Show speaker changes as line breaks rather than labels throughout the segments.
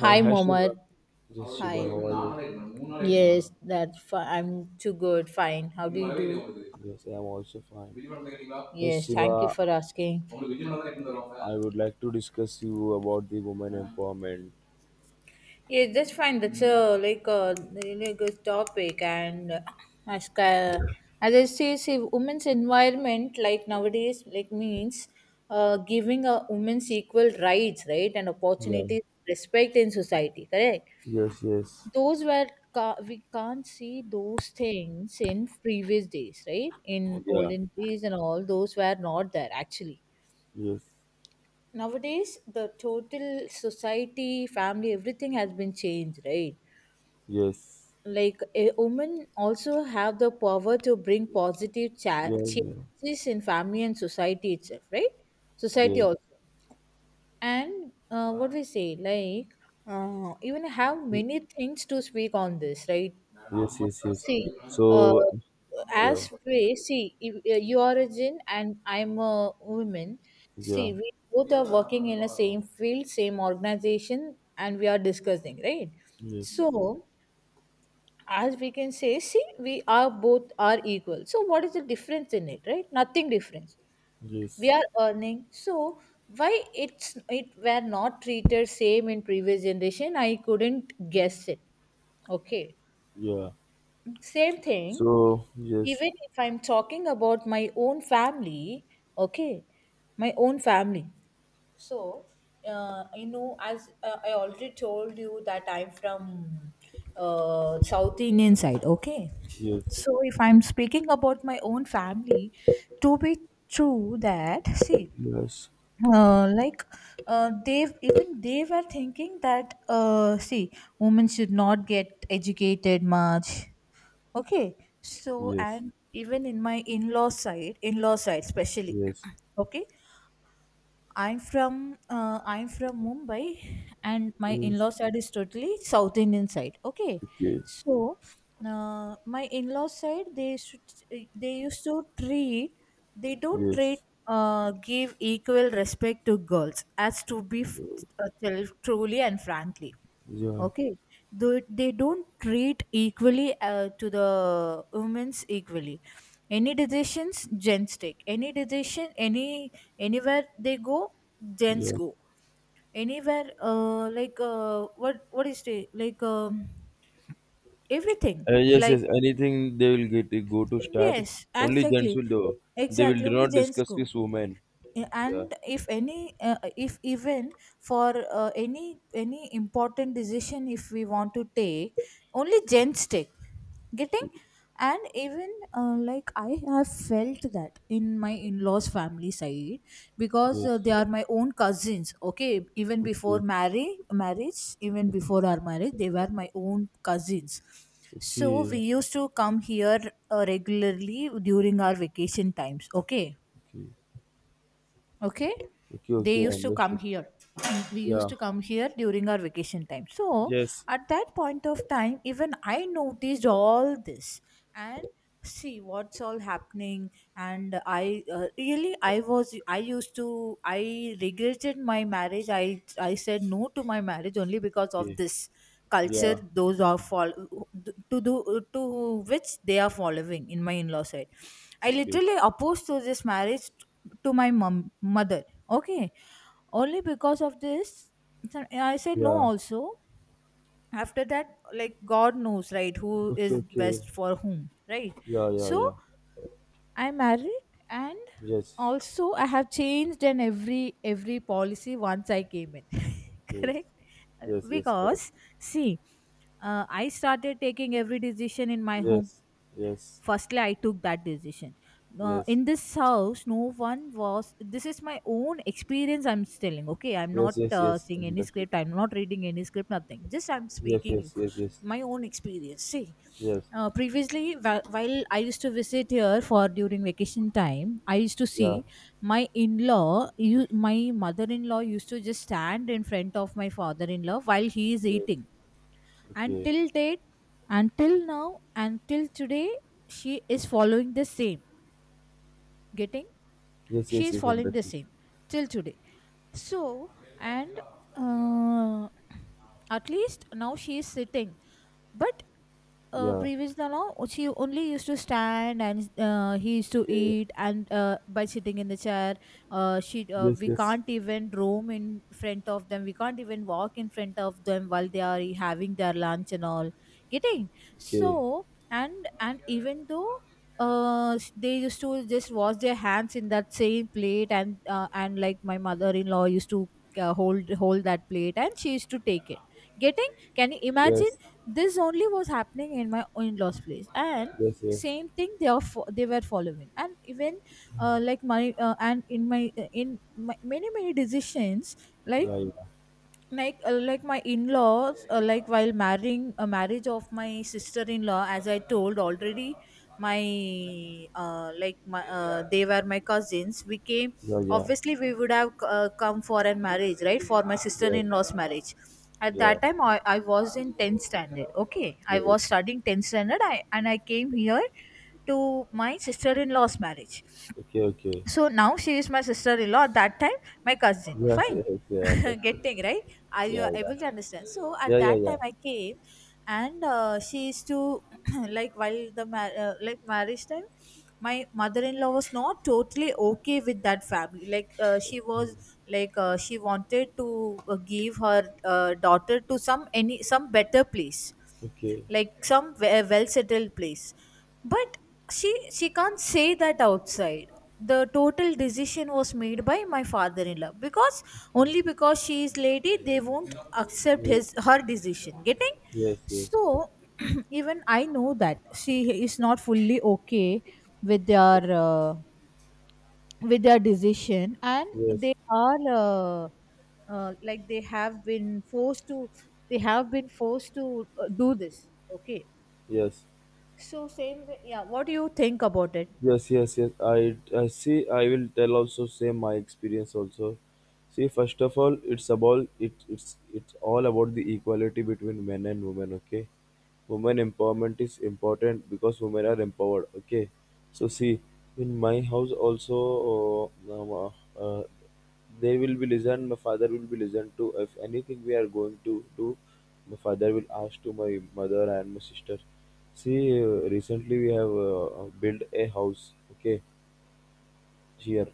Hi Shiva.
Mohammed.
Yes, Shiva,
Hi.
how are you?
Yes, I'm too good. Fine. How do you
Yes, I am also fine.
do?
Yes,
Yes, thank you
Shiva,
for asking.
I would like to discuss you about the women empowerment.
Yes, that's fine. That's a, like, a really good topic, and as ca- as I say, see women's environment, like, nowadays, like, means giving a women's equal rights, right, and
Yeah.
opportunities, respect in society, correct.
Yes, yes.
Those were, we can't see those things in previous days, right, in
Yeah.
olden days, and all those were not there actually.
Yes.
Nowadays the total society, family, everything has been changed, right?
Yes.
Like, a woman also have the power to bring positive
Yeah, yeah.
changes in family and society itself, right? Society
Yeah.
also. And what we say, like, even have many things to speak on this, right?
Yes, yes, yes.
See, uh,
So, yeah.
as we see, if, you are a Jain and I'm a woman.
Yeah.
See, we both are working in the same field, same organization, and we are discussing, right?
Yes.
So, as we can say, see, we are both are equal. So what is the difference in it, right? Nothing difference. We
Yes.
are earning. So why it were not treated same in previous generation, I couldn't guess it. Okay.
Yeah.
Same thing,
So, yes.
even if I'm talking about my own family. Okay. My own family. So as I already told you that I'm from South Indian side. Okay.
Yes.
So if I'm speaking about my own family, to be true, that see,
Yes.
like, they were thinking that, see, women should not get educated much. Okay. So
Yes.
and even in my in-law side especially.
Yes.
Okay. I'm from Mumbai, and my
Yes.
in-law side is totally South Indian side. Okay,
Okay.
so my in-law side, they used to treat they don't treat,
Yes.
give equal respect to girls, as to be, tell truly and frankly.
Yeah.
Okay, they don't treat equally, to the women's equally. Any decisions, gents take. Any decision, any, anywhere they go, gents
Yeah.
go. Anywhere, like, what is it like? Everything?
Yes,
Like,
yes. Anything they will get go to start.
yes,
Only gents
exactly,
will do. They will
exactly.
do
Only
not
gents
discuss
go.
with women. Yeah.
And if any, if even, for any, important decision, if we want to take, only gents take. Getting?
Okay.
And even, like, I have felt that in my in-laws family side, because,
Yes.
they are my own cousins. Okay. Even before
Okay.
marry marriage, even before our marriage, they were my own cousins. So we
Okay.
used to come here, regularly during our vacation times. Okay.
Okay.
Okay.
Okay.
They
Okay.
used to come
Understood.
here. We used
Yeah.
to come here during our vacation time. So
Yes.
at that point of time, even I noticed all this, and see what's all happening. And I, really, I was, I used to, I regretted my marriage, I said no to my marriage only because of
Okay.
this culture,
Yeah.
to do, to which they are following in my in-law side. I
Okay.
literally opposed to this marriage to my mom, mother. Okay, only because of this, so I said no.
Yeah.
Also, after that, like, God knows, right? Who
Okay.
is
Okay.
best for whom, right?
Yeah. Yeah.
So
Yeah.
I married, and
Yes.
also I have changed in every policy once I came in,
Yes.
correct?
Yes. Yes. Correct.
Because, see, I started taking every decision in my home.
Yes. Yes.
Firstly I took that decision,
Yes.
in this house no one was, this is my own experience I'm telling. Okay. I'm
Yes.
not,
Yes. Yes.
seeing any
Understood.
script, I'm not reading any script, nothing, just I'm
Yes.
speaking you,
Yes. Yes. Yes.
my own experience, see.
Yes.
Previously, while I used to visit here for, during vacation time, I used to see
Yeah.
my in-law, you, my mother-in-law used to just stand in front of my father-in-law while he is
Yes.
eating. And
Okay.
till date, until now, until today, she is following the same. Getting?
Yes.
She
Yes.
is
Yes.
following the
Understood.
same till today. So, and, uh, at least now she is sitting, but,
Yeah.
previous, no. She only used to stand, and, he used to
Okay.
eat, and, by sitting in the chair. She
Yes,
we
yes.
can't even roam in front of them, we can't even walk in front of them while they are having their lunch and all. Getting?
Okay.
So, and even though, they used to just wash their hands in that same plate, and, and like, my mother-in-law used to, hold that plate, and she used to take it. Getting? Can you imagine?
Yes.
This only was happening in my in-laws place. And
Yes, yes.
same thing, they were following. And even, like, my and in my, many, many decisions, like,
Yeah, yeah.
like, my in-laws, like, while marrying a marriage of my sister-in-law, as I told already, my like, my they were my cousins, we came.
Yeah, yeah.
Obviously we would have, come for a marriage, right, for my
Yes.
sister-in-law's marriage. At
Yeah.
that time, I was in 10th standard. Okay, I
Okay.
was studying 10th standard, I, and I came here to my sister-in-law's marriage.
Okay, okay.
So now she is my sister-in-law, at that time my cousin,
Yes,
fine.
yes, yeah, understood.
Getting, right? Are you
Yeah, yeah.
able to understand? So at
Yeah, yeah,
that
yeah.
time I came, and, she used to like, while the, like, marriage time, my mother-in-law was not totally okay with that family. Like, she was, like, she wanted to, give her, daughter to some, any, some better place,
Okay.
like, some, well settled place. But she can't say that outside. The total decision was made by my father in law, because
Okay.
only because she is lady, they won't accept
Yes,
his, her decision. Getting?
yes, yes.
So even I know that she is not fully okay with their, with their decision, and
Yes.
they are, like, they have been forced to, do this. Okay.
Yes.
So same way, yeah. What do you think about it?
Yes, yes, yes. I see I will tell also say my experience also. See, first of all, it's all about the equality between men and women, okay? Women empowerment is important because women are empowered, okay? So see, in my house also, uh, um, uh, uh, they will be listened. My father will be listened to if anything we are going to do. My father will ask to my mother and my sister. See, recently we have built a house, okay, here.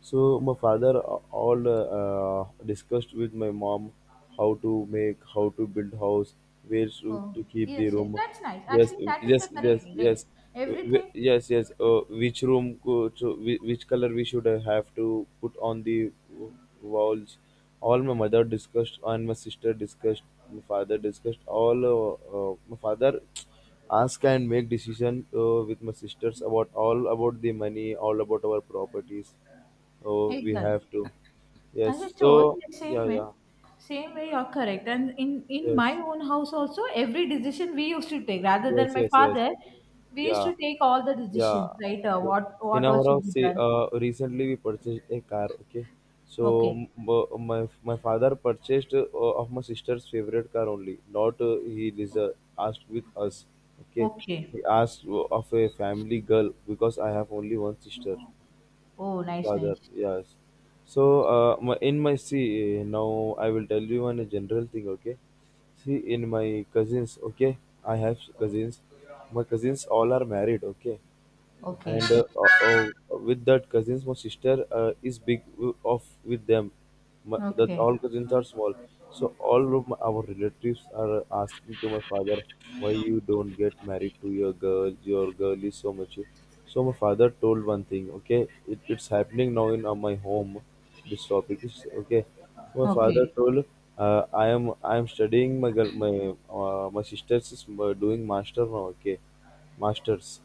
So my father all discussed with my mom, how to make, how to build house, where to,
Oh,
to keep the
yes, yes,
room.
that's nice.
Yes,
Actually, that is
yes,
the correct
yes,
way, right?
yes.
Everything,
Yes, yes. Which room, go to, which color we should have to put on the walls. All my mother discussed, and my sister discussed, my father discussed. All my father ask and make decision with my sisters, about all about the money, all about our properties. Oh, we
exactly.
have to.
As I
Yes.
told,
So,
the same
yeah,
way,
yeah.
you're correct. And in my
Yes.
own house also, every decision we used to take, rather than
Yes,
my
yes, yes.
father, we used
Yeah,
to take all the
yeah.
decisions, right?
Yes.
What
In
what all
our
should
house,
be
see,
done?
recently we purchased a car, okay? So,
Okay,
my father purchased of my sister's favorite car only, not he is asked with us, okay?
okay.
He asked of a family girl because I have only one sister.
Oh, nice,
Father,
nice.
yes. So in my see now, I will tell you one general thing, okay? See, in my cousins, okay, I have cousins. My cousins all are married, okay.
Okay,
And with that cousins my sister is big of with them. My, that
okay,
all cousins are small. So all of my, our relatives are asking to my father, why you don't get married to your girl? Your girl is so much. So my father told one thing, okay. It's happening now in my home. This topic is, okay. So my father
okay,
told, uh, i am I am studying my girl, my my sister is doing master now, okay, masters.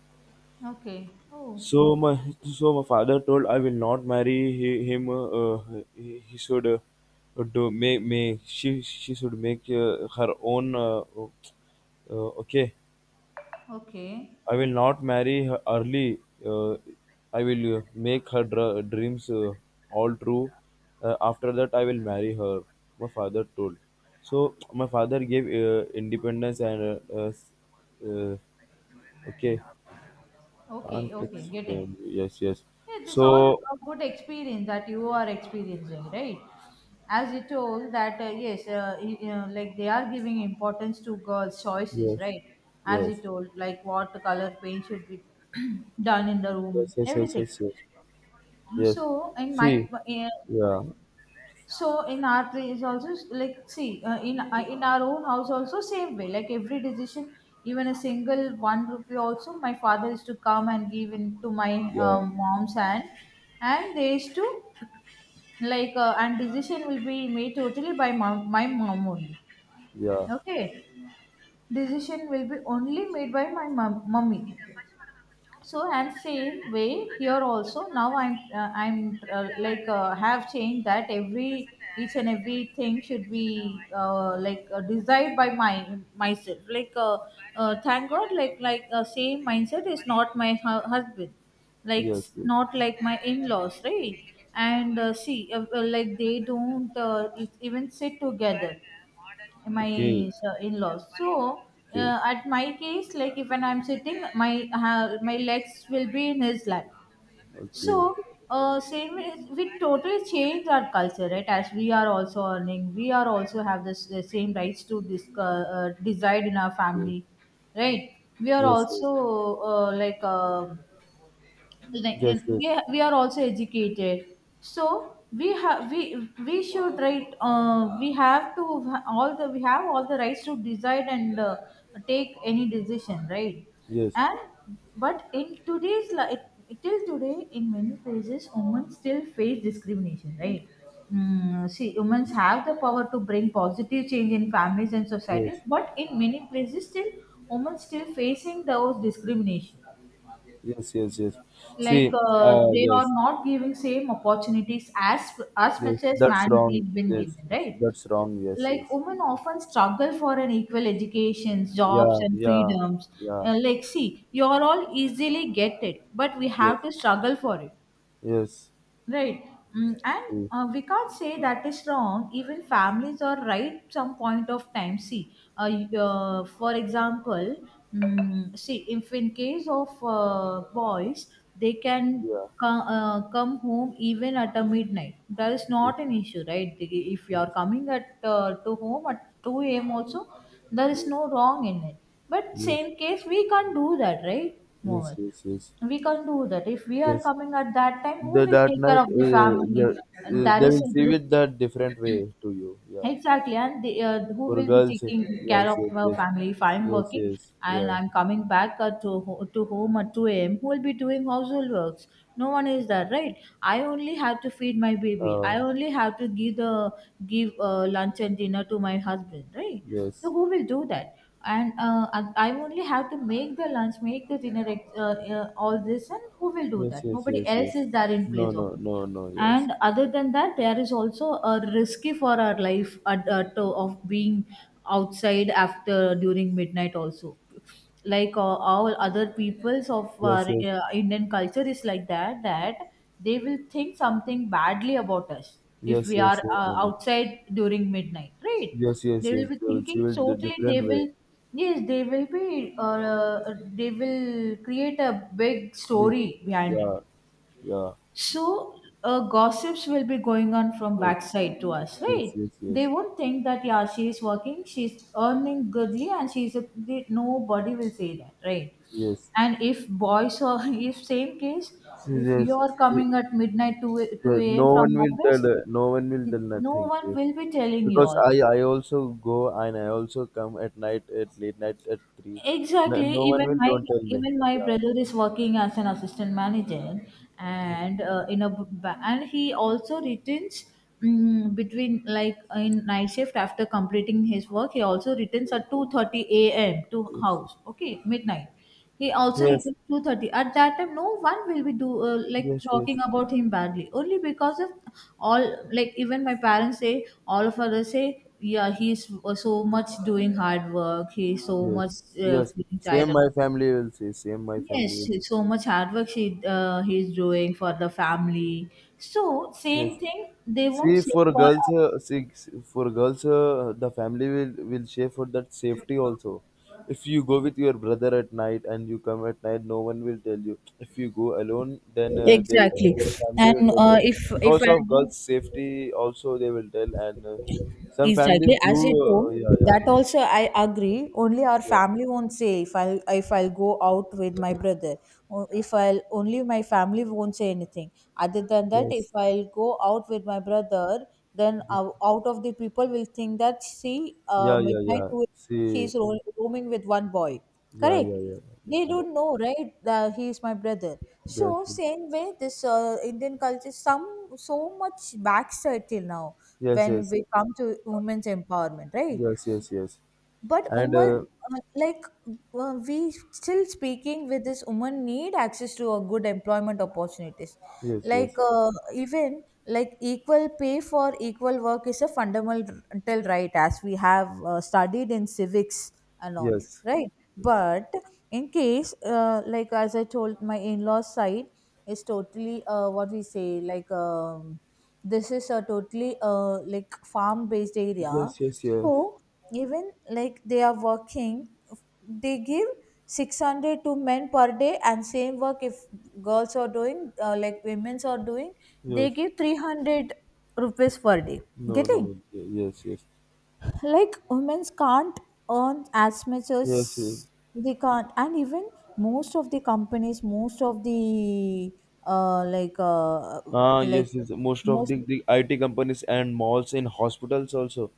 okay. Oh,
So my father told, I will not marry him. He should do make she should make her own. Okay,
okay,
I will not marry her early. Uh, I will make her dreams all true. After that, I will marry her. My father told. So my father gave independence and uh, okay. Can't
okay, okay. Getting.
explain. Yes, yes.
Yeah, this all
So
a good experience that you are experiencing, right? As you told that, yes, you know, like, they are giving importance to girls' choices,
yes.
right? As you
Yes.
told, like, what color paint should be done in the room,
Yes. Yes. Yes.
everything.
Yes. Yes. Yes.
So in my
See. Yeah.
so in our place also, like, see, in, in our own house also, same way, like, every decision, even a single 1 rupee also my father is to come and give into my,
Yeah.
mom's hand. And they used to, like, and decision will be made totally by mom, my mom only.
Yeah.
Okay. Decision will be only made by my mom, mummy. So and same way here also, now I'm like, have changed that every, each and everything should be, like, desired by my myself. Like, thank god, like, same mindset is not my, husband, like,
Yes. Yes.
not like my in-laws, right? And, see, like, they don't, even sit together,
Okay.
my, in-laws. So,
Okay.
at my case, like, if when I'm sitting, my legs will be in his lap.
Okay.
So, we totally changed our culture, right? As we are also earning, we are also have this, the same rights to this, decide in our
Okay.
family, right? We are
Yes. Yes.
also, like, like, in,
Yes. Yes.
we are also educated. So we have, we should, right, we have to, all the we have all the rights to decide, and, take any decision, right?
Yes.
And but in today's life, till today, in many places, women still face discrimination, right? Mm, see, women have the power to bring positive change in families and society,
Yes.
but in many places, still women still facing those discrimination,
Yes. Yes. Yes. See.
like, they are
Yes.
not giving same opportunities as
Yes.
much as
That's
man is
wrong.
been
Yes,
given,
yes.
right?
That's wrong. Yes.
Like,
Yes.
women often struggle for an equal educations,
Yeah.
jobs and
Yeah.
freedoms.
Yeah.
Like, see, you are all easily get it, but we
Yes.
have to struggle for it.
Yes.
Right. Mm, and,
See.
we can't say that is wrong. Even families are right some point of time. See, for example, mm, see, if in case of, boys, they can
Yeah.
come, come home even at a midnight. That is
Yes.
not an issue, right? If you are coming at, to home at 2 a.m. also, there is
Yes.
no wrong in it. But
Yes.
same case, we can't do that, right,
Yes.
Mohammed?
Yes. Yes.
We can't do that. If we are
Yes.
coming at that time, who
The
will
that
take care
night,
of the family,
yeah,
and there
they
is
will
a
see
risk?
it that different way to you. Yes,
Exactly, and who
for
will be
girls, yes,
taking care
yes,
of my
yes,
family if I'm
yes,
working
yes,
and
yeah,
I'm coming back to home at 2 a.m.? Who will be doing household works? No one is there, right? I only have to feed my baby. I
uh,
only have to give the give lunch and dinner to my husband, right? So
yes,
who will do that? And I only have to make the lunch, make the dinner, all this, and who will do
yes,
that?
yes,
Nobody
yes, yes.
else is there in
No,
place of
no,
me,
no, no, yes,
and other than that, there is also a risky for our life of being outside after during midnight also, like all other peoples of
yes,
our
yes,
Indian culture is like that, that they will think something badly about us if
yes,
we are
yes, yes, I know.
outside during midnight, right?
Yes, yes,
They
yes.
will be
They will see
thinking
it the
totally, they
different way.
will, yes they will be they will create a big
Be-
story behind it.
Yeah, yeah,
So gossips will be going on from backside to us,
yes,
right?
yes, yes,
They won't think that yeah, she is working, she's earning goodly, and she's a, they, nobody will say that, right?
yes,
And if boys or if same case,
yes.
if you
Yes.
are
Yes.
coming at midnight two
Yeah,
a.m.
no one
from
will tell,
office,
no one will tell
no
nothing,
one
yes,
will be telling you
because
all.
I also go, and I also come at night, at late night at 3. No,
Exactly.
no one will don't tell me.
Even my
Yeah,
brother is working as an assistant manager, and in a and he also returns mm between like in night shift after completing his work. He also returns at 2:30 a.m. to
yes,
house. Okay, midnight. He also
yes,
returns 2:30. At that time, no one will be do like
yes, yes,
talking about him badly. Only because of all, like even my parents say, all of others say, yeah, he's so much doing hard work. He's so
yes,
much
yes.
feeling
Same
tired, and
my family will say. Same my family
yes,
will
it's so much hard work she he's doing for the family. So
say, yes.
same thing they won't
See
say
for
for
girls,
us.
the family will share for that safety also. If you go with your brother at night and you come at night, no one will tell you. If you go alone, then they,
Exactly,
your family will
and
tell you.
if
Because
I
of girls'
do
safety, also they will tell, and some families
exactly,
do.
as you told,
Yeah, yeah,
that also I agree. Only our
yeah.
family won't say if I'll go out with my brother. If I'll only, my family won't say anything. Other than that,
Yes.
if I'll go out with my brother, then out of the people will think that see,
Yeah, yeah,
midnight
yeah.
two,
See,
she's roaming with one boy.
yeah, yeah,
Correct.
yeah, yeah.
They
I know.
don't know, right? That he is my brother.
Yes,
So same way, this Indian culture, some so much backside till now
yes,
when
yes,
we come to women's empowerment, right?
yes, yes, yes.
But
And
Umar, like we still speaking with this woman need access to a good employment opportunities.
yes,
Like
yes.
even like equal pay for equal work is a fundamental right as we have studied in civics and all,
Yes.
right?
Yes.
But in case like as I told, my in-laws side is totally what we say like this is a totally like farm based area,
Yes, yes,
so
yes.
even like they are working, they give 600 to men per day, and same work if girls are doing like women's are doing, they
Yes.
give 300 rupees per day
No,
getting,
no. Yes, yes.
like women's can't earn as much
Yes, yes.
as they can't. And even most of the uh, like uh,
Ah,
like
yes, yes. Most of
most
the IT companies and malls in hospitals also,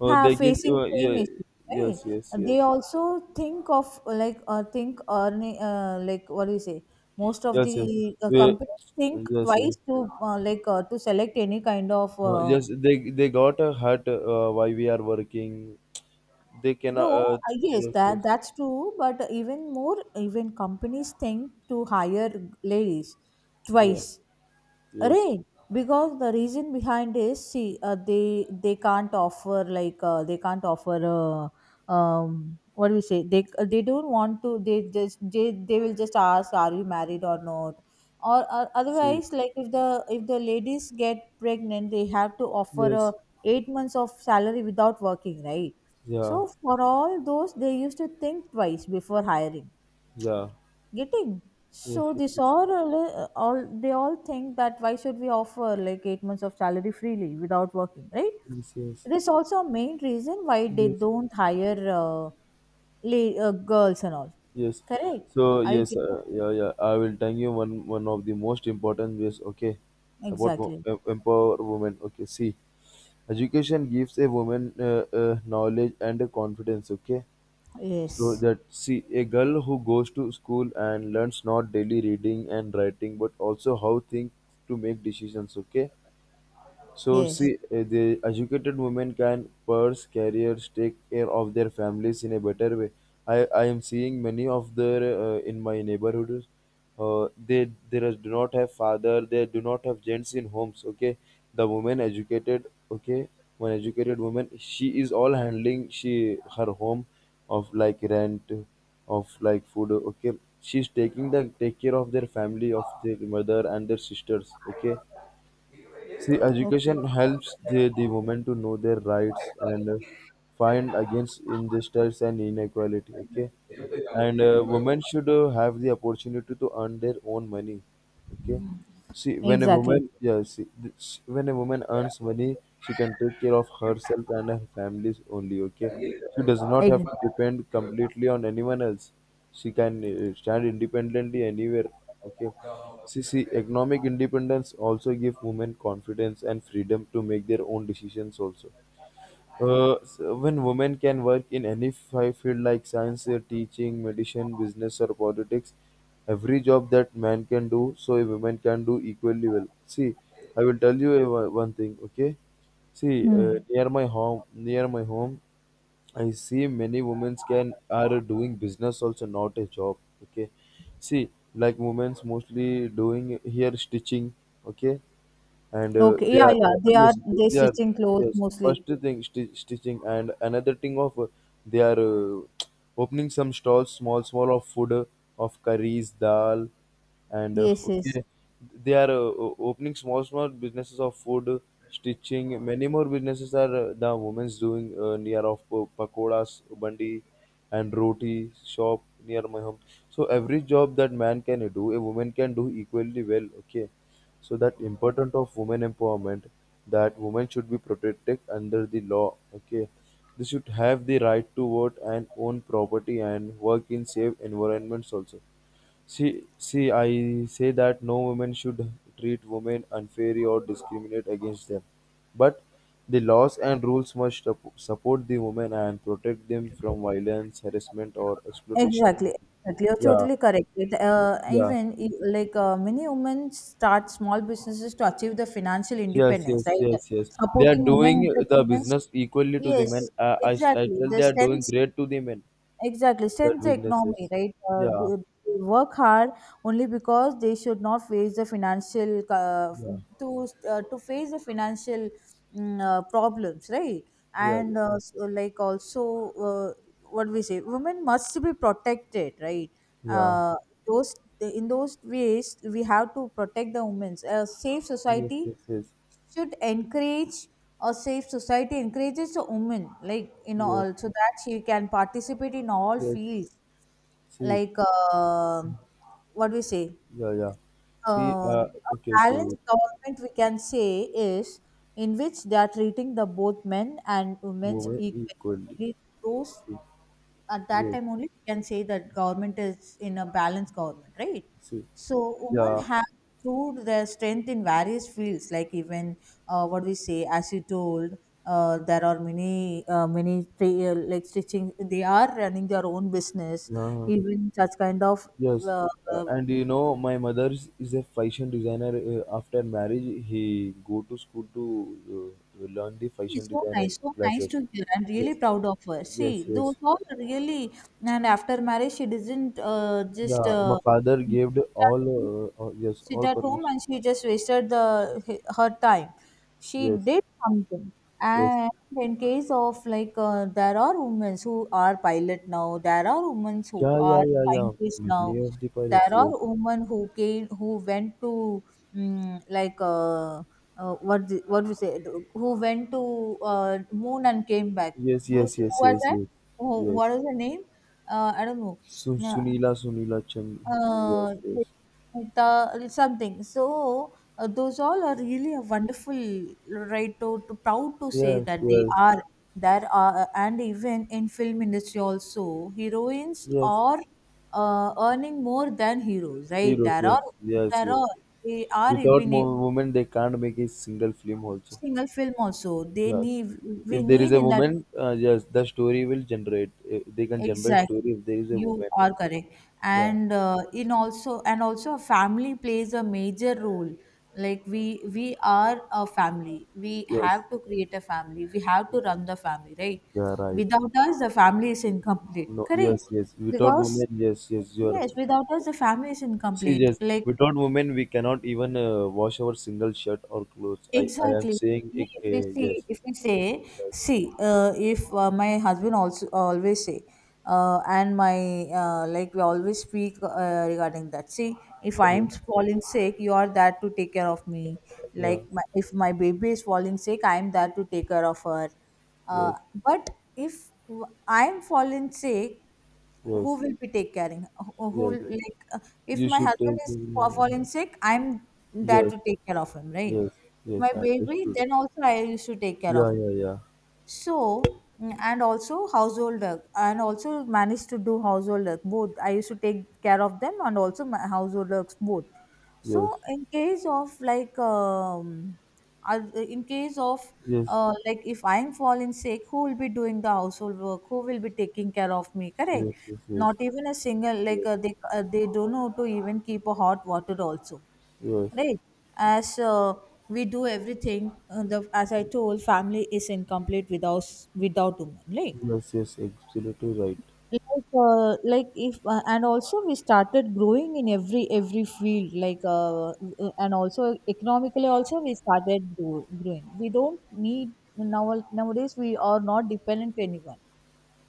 have
they give.
facing same
Yeah,
issue, right?
yes, yes,
They
yes,
also think of think earning like what do you say, most of
yes,
the
yes, yeah,
companies think
yes, yes.
twice to to select any kind of
Yes. They got a hurt while we are working. They
no
cannot.
yes,
Yes,
that
yes,
that's true. But even more, even companies think to hire ladies
yeah,
twice.
yes.
Right, because the reason behind is see they can't offer like they can't offer what do we say, they don't want to, they just they will just ask, are you married or not, or
See,
otherwise like if the ladies get pregnant, they have to offer a
yes,
8 months of salary without working, right? So
yeah,
for all those, they used to think twice before hiring
yeah,
getting.
yes,
So
yes,
this
yes,
all they all think that why should we offer like 8 months of salary freely without working, right?
yes. Yes.
This also a main reason why they
Yes.
don't hire girls and all.
Yes.
Correct.
So
Are you
yes,
getting?
yeah, yeah. I will tell you one of the most important ways. Okay, about
Exactly.
empower women. Okay, see, education gives a woman knowledge and a confidence. Okay, so
Yes,
that, see, a girl who goes to school and learns not daily reading and writing, but also how think to make decisions. Okay, so,
yes.
see, the educated women can pursue careers, take care of their families in a better way. I am seeing many of their, in my neighborhood. They do not have father. They do not have gents in homes. Okay, the woman educated. Okay, one educated woman. She is all handling, she her home, of like rent, of like food. Okay, she's taking the take care of their family, of their mother and their sisters. Okay. See,
Okay.
education helps the women to know their rights and find against injustice and inequality. Okay, and women should have the opportunity to earn their own money, okay. See, when a
Exactly.
woman, yeah, see, when a woman earns money, she can take care of herself and her families only, okay. She does not
Ex-
have to depend completely on anyone else. She can stand independently anywhere, okay. See, economic independence also give women confidence and freedom to make their own decisions also. So when women can work in any field like science, teaching, medicine, business, or politics, every job that man can do, so a woman can do equally well. See, I will tell you a, one thing, okay? See,
hmm.
near my home, I see many women can are doing business also, not a job. Okay, see, like women's mostly doing here stitching. Okay, and
Okay,
they
yeah,
are
yeah, they are,
yes,
they
they are.
stitching clothes
Yes,
mostly.
first thing stitching, and another thing of they are opening some stalls, small small of food of curries, dal, and
Yes, yes.
okay, they are opening small small businesses of food stitching, many more businesses are the women's doing near of pakodas bandi and roti shop near my home. So every job that man can do, a woman can do equally well, okay. So that important of women empowerment, that women should be protected under the law, okay. They should have the right to vote and own property and work in safe environments also. See see I say that no woman should treat women unfairly or discriminate against them, but the laws and rules must support the women and protect them from violence, harassment or exploitation.
Exactly, exactly. You're
Yeah,
totally correct. It,
yeah.
even like many women start small businesses to achieve the financial
Yes,
independence,
yes,
right?
yes, yes. They are
Supporting women
doing the
entrepreneurs.
business equally to the men.
Yes,
I
exactly.
tell they
The
are doing
sense.
great to the men,
Exactly,
that
sense economy,
businesses.
right?
Yeah,
They work hard only because they should not face the financial
yeah,
to face the financial problems, right?
yeah,
And so like also, what we say, women must be protected, right?
yeah, yeah.
Uh, those in those ways, we have to protect the women's. A safe
Yes,
society
yes, yes,
should encourage, or safe society encourages a woman like you know
yes,
all, so that she can participate in all
yes.
fields,
See,
like what do we say,
yeah, yeah. See,
a
okay, okay.
balanced government, we can say, is in which they are treating the both men and women
Women
equally.
equally.
Only those,
See,
at that
yes,
time only, we can say that government is in a balanced government, right?
see,
So women
yeah,
have proved their strength in various fields, like even what we say, as you told, there are many like stitching. They are running their own business,
yeah.
even such kind of
Yes,
uh, uh,
and you know, my mother is a fashion designer. After marriage, he go to school to learn the fashion
it's
designer
so nice
classes.
to hear. I'm really
Yes,
proud of her.
yes,
See, those
yes.
all are really, and after marriage, she didn't just
Yeah, my father gave the
sit at home,
all yes,
sit
all
at home,
permission.
and she just wasted the her time. She
Yes,
did something.
yes.
And in case of like, there are women who are pilot now. There are women who
Yeah, yeah,
are
yeah, yeah.
scientists now.
Many of the
There
pilots.
are women who came, who went to mm like. What the, what we say, who went to moon and came back.
Yes,
Who's,
yes,
who
yes,
was
yes, yes,
that,
yes.
who,
Yes.
what is the name, I don't know. Yeah.
Sunila Chand.
uh,
Yes,
Nita- something. So those all are really a wonderful right to proud to say
yes, yes,
that they
yes.
are there are and even in film industry also, heroines
Yes.
are earning more than heroes, right?
Heroes.
There
Yes,
are
yes, yes.
there
Yes.
are, they are
Without
being
women, they can't make a single film also.
single film also they
Yeah.
need, we
If there is
need
a
in that.
woman, yes, the story will generate. They can generate
Exactly,
story if there is a
you
woman.
are correct.
Yeah.
And in also and also family plays a major role, like we are a family, we
Yes.
have to create a family, we have to run the family, right?
Yeah. Right.
Without us the family is incomplete,
No. Yes.
correct?
Yes. Without
Because
women, yes. Yes. You're.
yes, without us the family is
See,
incomplete,
yes.
like
Without women, we cannot even wash our single shirt or clothes. I am
exactly.
saying it,
If we
Uh,
see,
Yes.
if we say,
Yes.
see, if my husband also always say, and my like we always speak regarding that. See, if I
Yeah.
am falling sick, you are there to take care of me.
Yeah.
Like my, if my baby is falling sick, I am there to take care of her. Uh,
Yes.
but if I'm fallen sick, who
Yes.
will be take caring, who
Yes.
will, like if
You
my
should
husband
take.
is fallen sick, I'm there
Yes.
to take care of him, right?
Yes.
If my
Yes. I
baby,
understood.
then also I used to take care of.
Yeah, yeah, yeah.
So mm, and also household work, and also managed to do household work both, I used to take care of them and also my household works both. So
Yes,
in case of like um, I- in case of
yes,
like if I'm falling sick, who will be doing the household work, who will be taking care of me, correct?
yes, yes, yes,
Not even a single like they don't know to even keep a hot water also,
yes,
right? As we do everything, the as I told, family is incomplete without without women, right?
yes, yes, yes, absolutely right.
Like like if and also we started growing in every field like and also economically also we started growing, we don't need now, nowadays we are not dependent to anyone,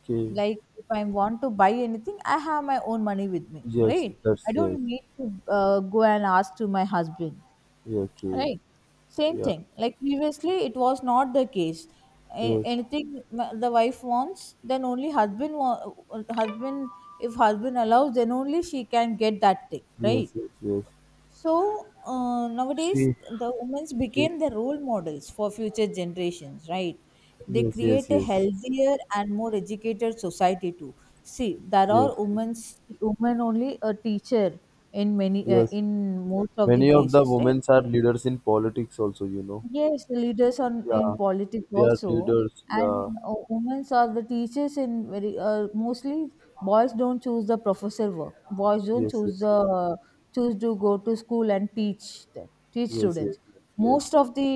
Okay,
like if I want to buy anything, I have my own money with me,
yes,
right?
that's
I
yes.
don't need to go and ask to my husband.
Yeah, okay,
Right. Same
yeah,
thing. Like previously, it was not the case.
yes,
Anything the wife wants, then only husband husband if husband allows, then only she can get that thing,
yes,
right?
yes, yes.
So nowadays,
See,
the women's
okay,
became the role models for future generations, right? They
yes,
create
yes,
a
yes,
healthier and more educated society too. See, there
yes,
are
yes,
women's women only a teacher in many
yes.
in most of the
Many of the
places, right?
women are leaders in politics also,
Yes, the leaders on in
Yeah,
politics
they are
also,
leaders.
and
Yeah,
uh, women are the teachers in very mostly boys don't choose the professor work. Boys don't
yes,
choose
yes,
the choose to go to school and teach
yes, yes, yes,
students.
yes, yes.
Most of the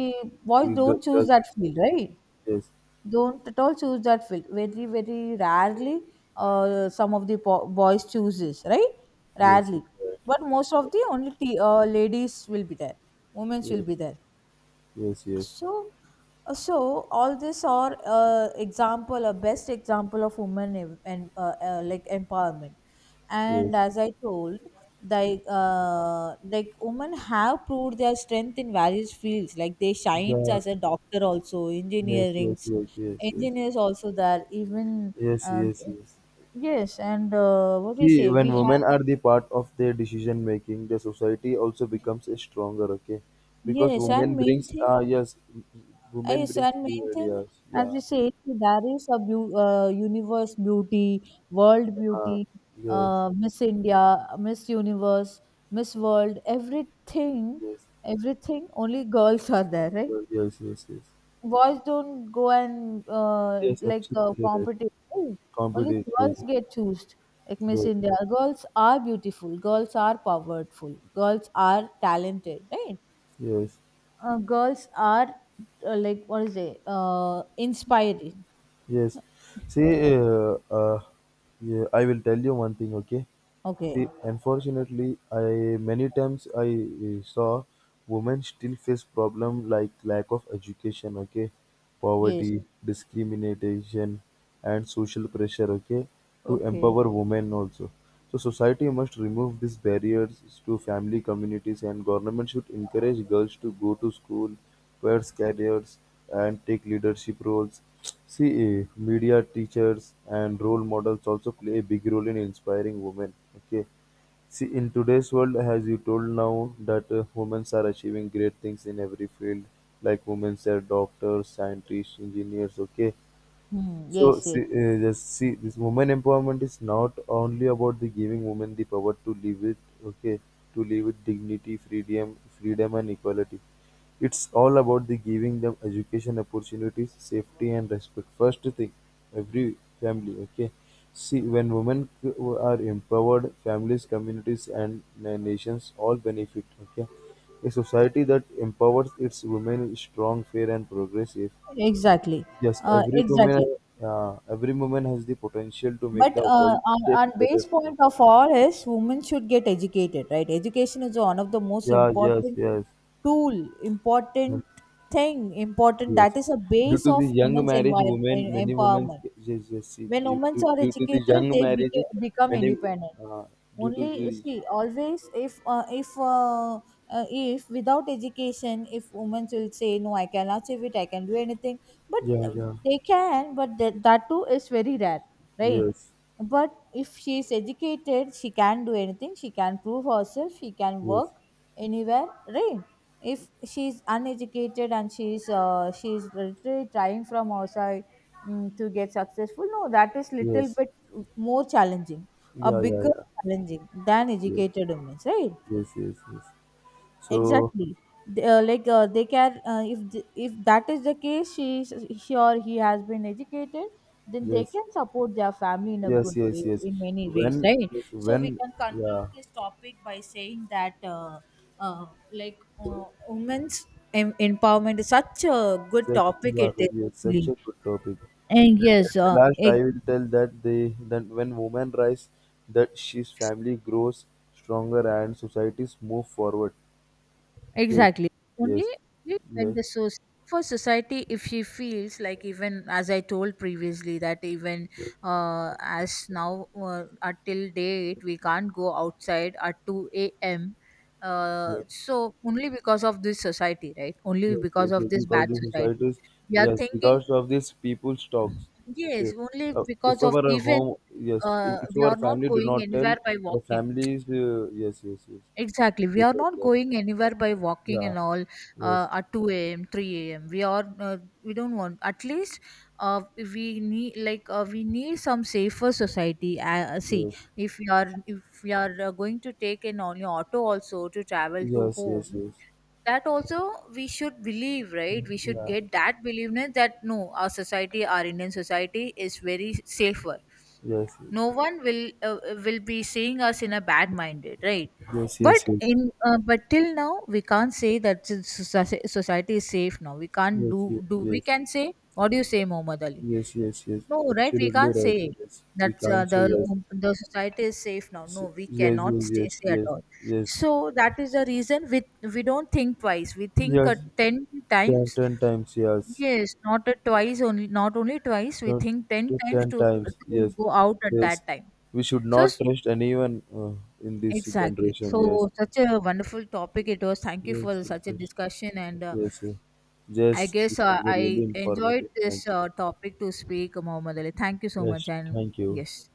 boys
We got-
don't choose
got-
that field, right?
Yes,
Don't at all choose that field. Very, very rarely, some of the boys chooses, right,
yes,
rarely.
yes, right.
But most of the only ladies will be there, women will
Yes,
be there,
yes, yes,
so, so all this are a best example of women ev- and like empowerment. And
yes.
as I told, like women have proved their strength in various fields. Like they shines
Yeah,
as a doctor also,
yes, yes, yes, yes, yes,
engineers also there. Even
yes,
uh,
yes, yes.
yes, and what do you
See,
say?
when
We
women
have,
are the part of their decision making, the society also becomes stronger. Okay, because
yes,
women
and main
brings
thing.
yes, women
Yes,
brings
and main
new
thing,
ideas.
as
Yeah.
we say, there is a universe beauty, world
Uh,
beauty,
yes,
Miss India, Miss Universe, Miss World, everything,
yes,
everything. Only girls are there, right?
yes, yes, yes, yes.
Boys don't go and
Yes, absolutely right.
competition, right? Only
Competent. Yes,
girls get chosen. Like Miss
yes,
India, girls are beautiful. Girls are powerful. Girls are talented, right?
yes.
Girls are like, what is it, inspiring.
Yes. See, yeah, I will tell you one thing, okay?
Okay.
See, unfortunately, I many times I saw women still face problem like lack of education, okay,
Yes.
poverty, discrimination, and social pressure, okay, to
Okay.
empower women also. So society must remove these barriers to family communities, and government should encourage girls to go to school. Pairs careers and take leadership roles. See media, teachers, and role models also play a big role in inspiring women. Okay, see in today's world, as you told now that women are achieving great things in every field, like women are doctors, scientists, engineers. Okay,
Hmm.
so
Yes, yes.
see, just see this women empowerment is not only about the giving women the power to live it. Okay, to live with dignity, freedom, and equality. It's all about the giving them education opportunities, safety, and respect. First thing, every family. Okay, see when are empowered, families, communities, and nations all benefit. Okay, a society that empowers its women is strong, fair, and progressive.
Exactly.
Yes,
Exactly.
every woman has the potential to make
But
the world
on,
a
on
better
base
place.
point of all is women should get educated, right? Education is one of the most
Yeah, yes,
important
yes.
tool, important thing, important,
Yes.
that is a
Due
base
to
of
the young
women's
marriage,
environment
many women,
empowerment.
yes, yes, see,
When women are
due to the
educated,
young
they
marriage,
become
many,
independent.
uh, due to
Only
the,
see, always, if without education, if women will say, no, I can achieve it, I can do anything, but
yeah, yeah,
they can, but that too is very rare, right.
yes,
But if she is educated, she can do anything. She can prove herself. She can
yes,
work anywhere, right? If she is uneducated, and she is literally trying from outside, to get successful, no, that is little
yes,
bit more challenging, a
yeah, yeah,
bigger
yeah,
challenging than
yes,
educated women's, right?
yes, yes, yes. So,
Exactly. they, like they can if th- if that is the case, she or he has been educated, then they
yes,
can support their family in a
yes,
good way,
yes, yes.
in many ways,
When,
right?
yes,
So we
when,
can conclude
yeah,
this topic by saying that, uh, women's empowerment is such a good
such,
topic.
yeah,
It is,
yes, such
actually.
a good topic.
And yes,
Last, I will tell that that when women rise, that she's family grows stronger and societies move forward. Okay.
Exactly. Only
Yes.
only when
Yes.
the source for society, if she feels like, even as I told previously, that even as now, until date, we can't go outside at 2 a.m. Uh,
Yes.
so only because of this society, right? Only
Yes.
because
Yes.
of
Yes.
this
Because
bad
the
society,
societies,
we are
yes,
thinking.
because of this people talks. Okay.
Yes. Only
If
because of
our
even,
home, yes. If
we
our
are not
family do
going
not tell,
anywhere by
the
walking.
families, yes, yes, yes.
Exactly, we
They
are
tell,
not
yes.
going anywhere by walking
Yeah.
and all,
Yes.
at 2 a.m., 3 a.m. We are, we don't want, at least we need, like, we need some safer society. See,
Yes.
if we are going to take an only auto also to travel to
Yes. Yes.
home,
Yes.
that also we should believe, right? We should
Yeah.
get that beliefness, that no, our society, our Indian society is very safer.
Yes. Yes.
No one will be seeing us in a bad minded, right?
Yes. Yes. Yes. Yes.
But
Yes.
in but till now we can't say that the society is safe now. We can't do, we can say. What do you say, Muhammad Ali?
Yes. Yes. Yes.
No,
Yes.
right, we
Absolutely
can't
right.
say
Yes. We
that uh,
can't say
the
yes.
um, the society is safe now.
S-
No, we
Yes.
cannot
Yes. Yes.
say at
Yes.
all.
Yes.
So that is the reason, we don't think twice, we think
Yes.
10
Ten,
times.
ten times, yes.
Yes, not a twice only, not only twice. We
Ten,
think ten
to
times
ten times,
to
yes.
go out at
Yes.
that time.
We should
So
not
s-
trust anyone in this
exactly.
generation, yes.
So such a wonderful topic it was. Thank you
Yes,
for
yes,
such a
yes.
discussion, and
Yes, yes.
I
Yes,
guess
this was a
I
really
enjoyed
informative. Thank
this topic to speak, Mohammed Ali. Thank you
you.
so much,
Yes,
and
thank you.
yes.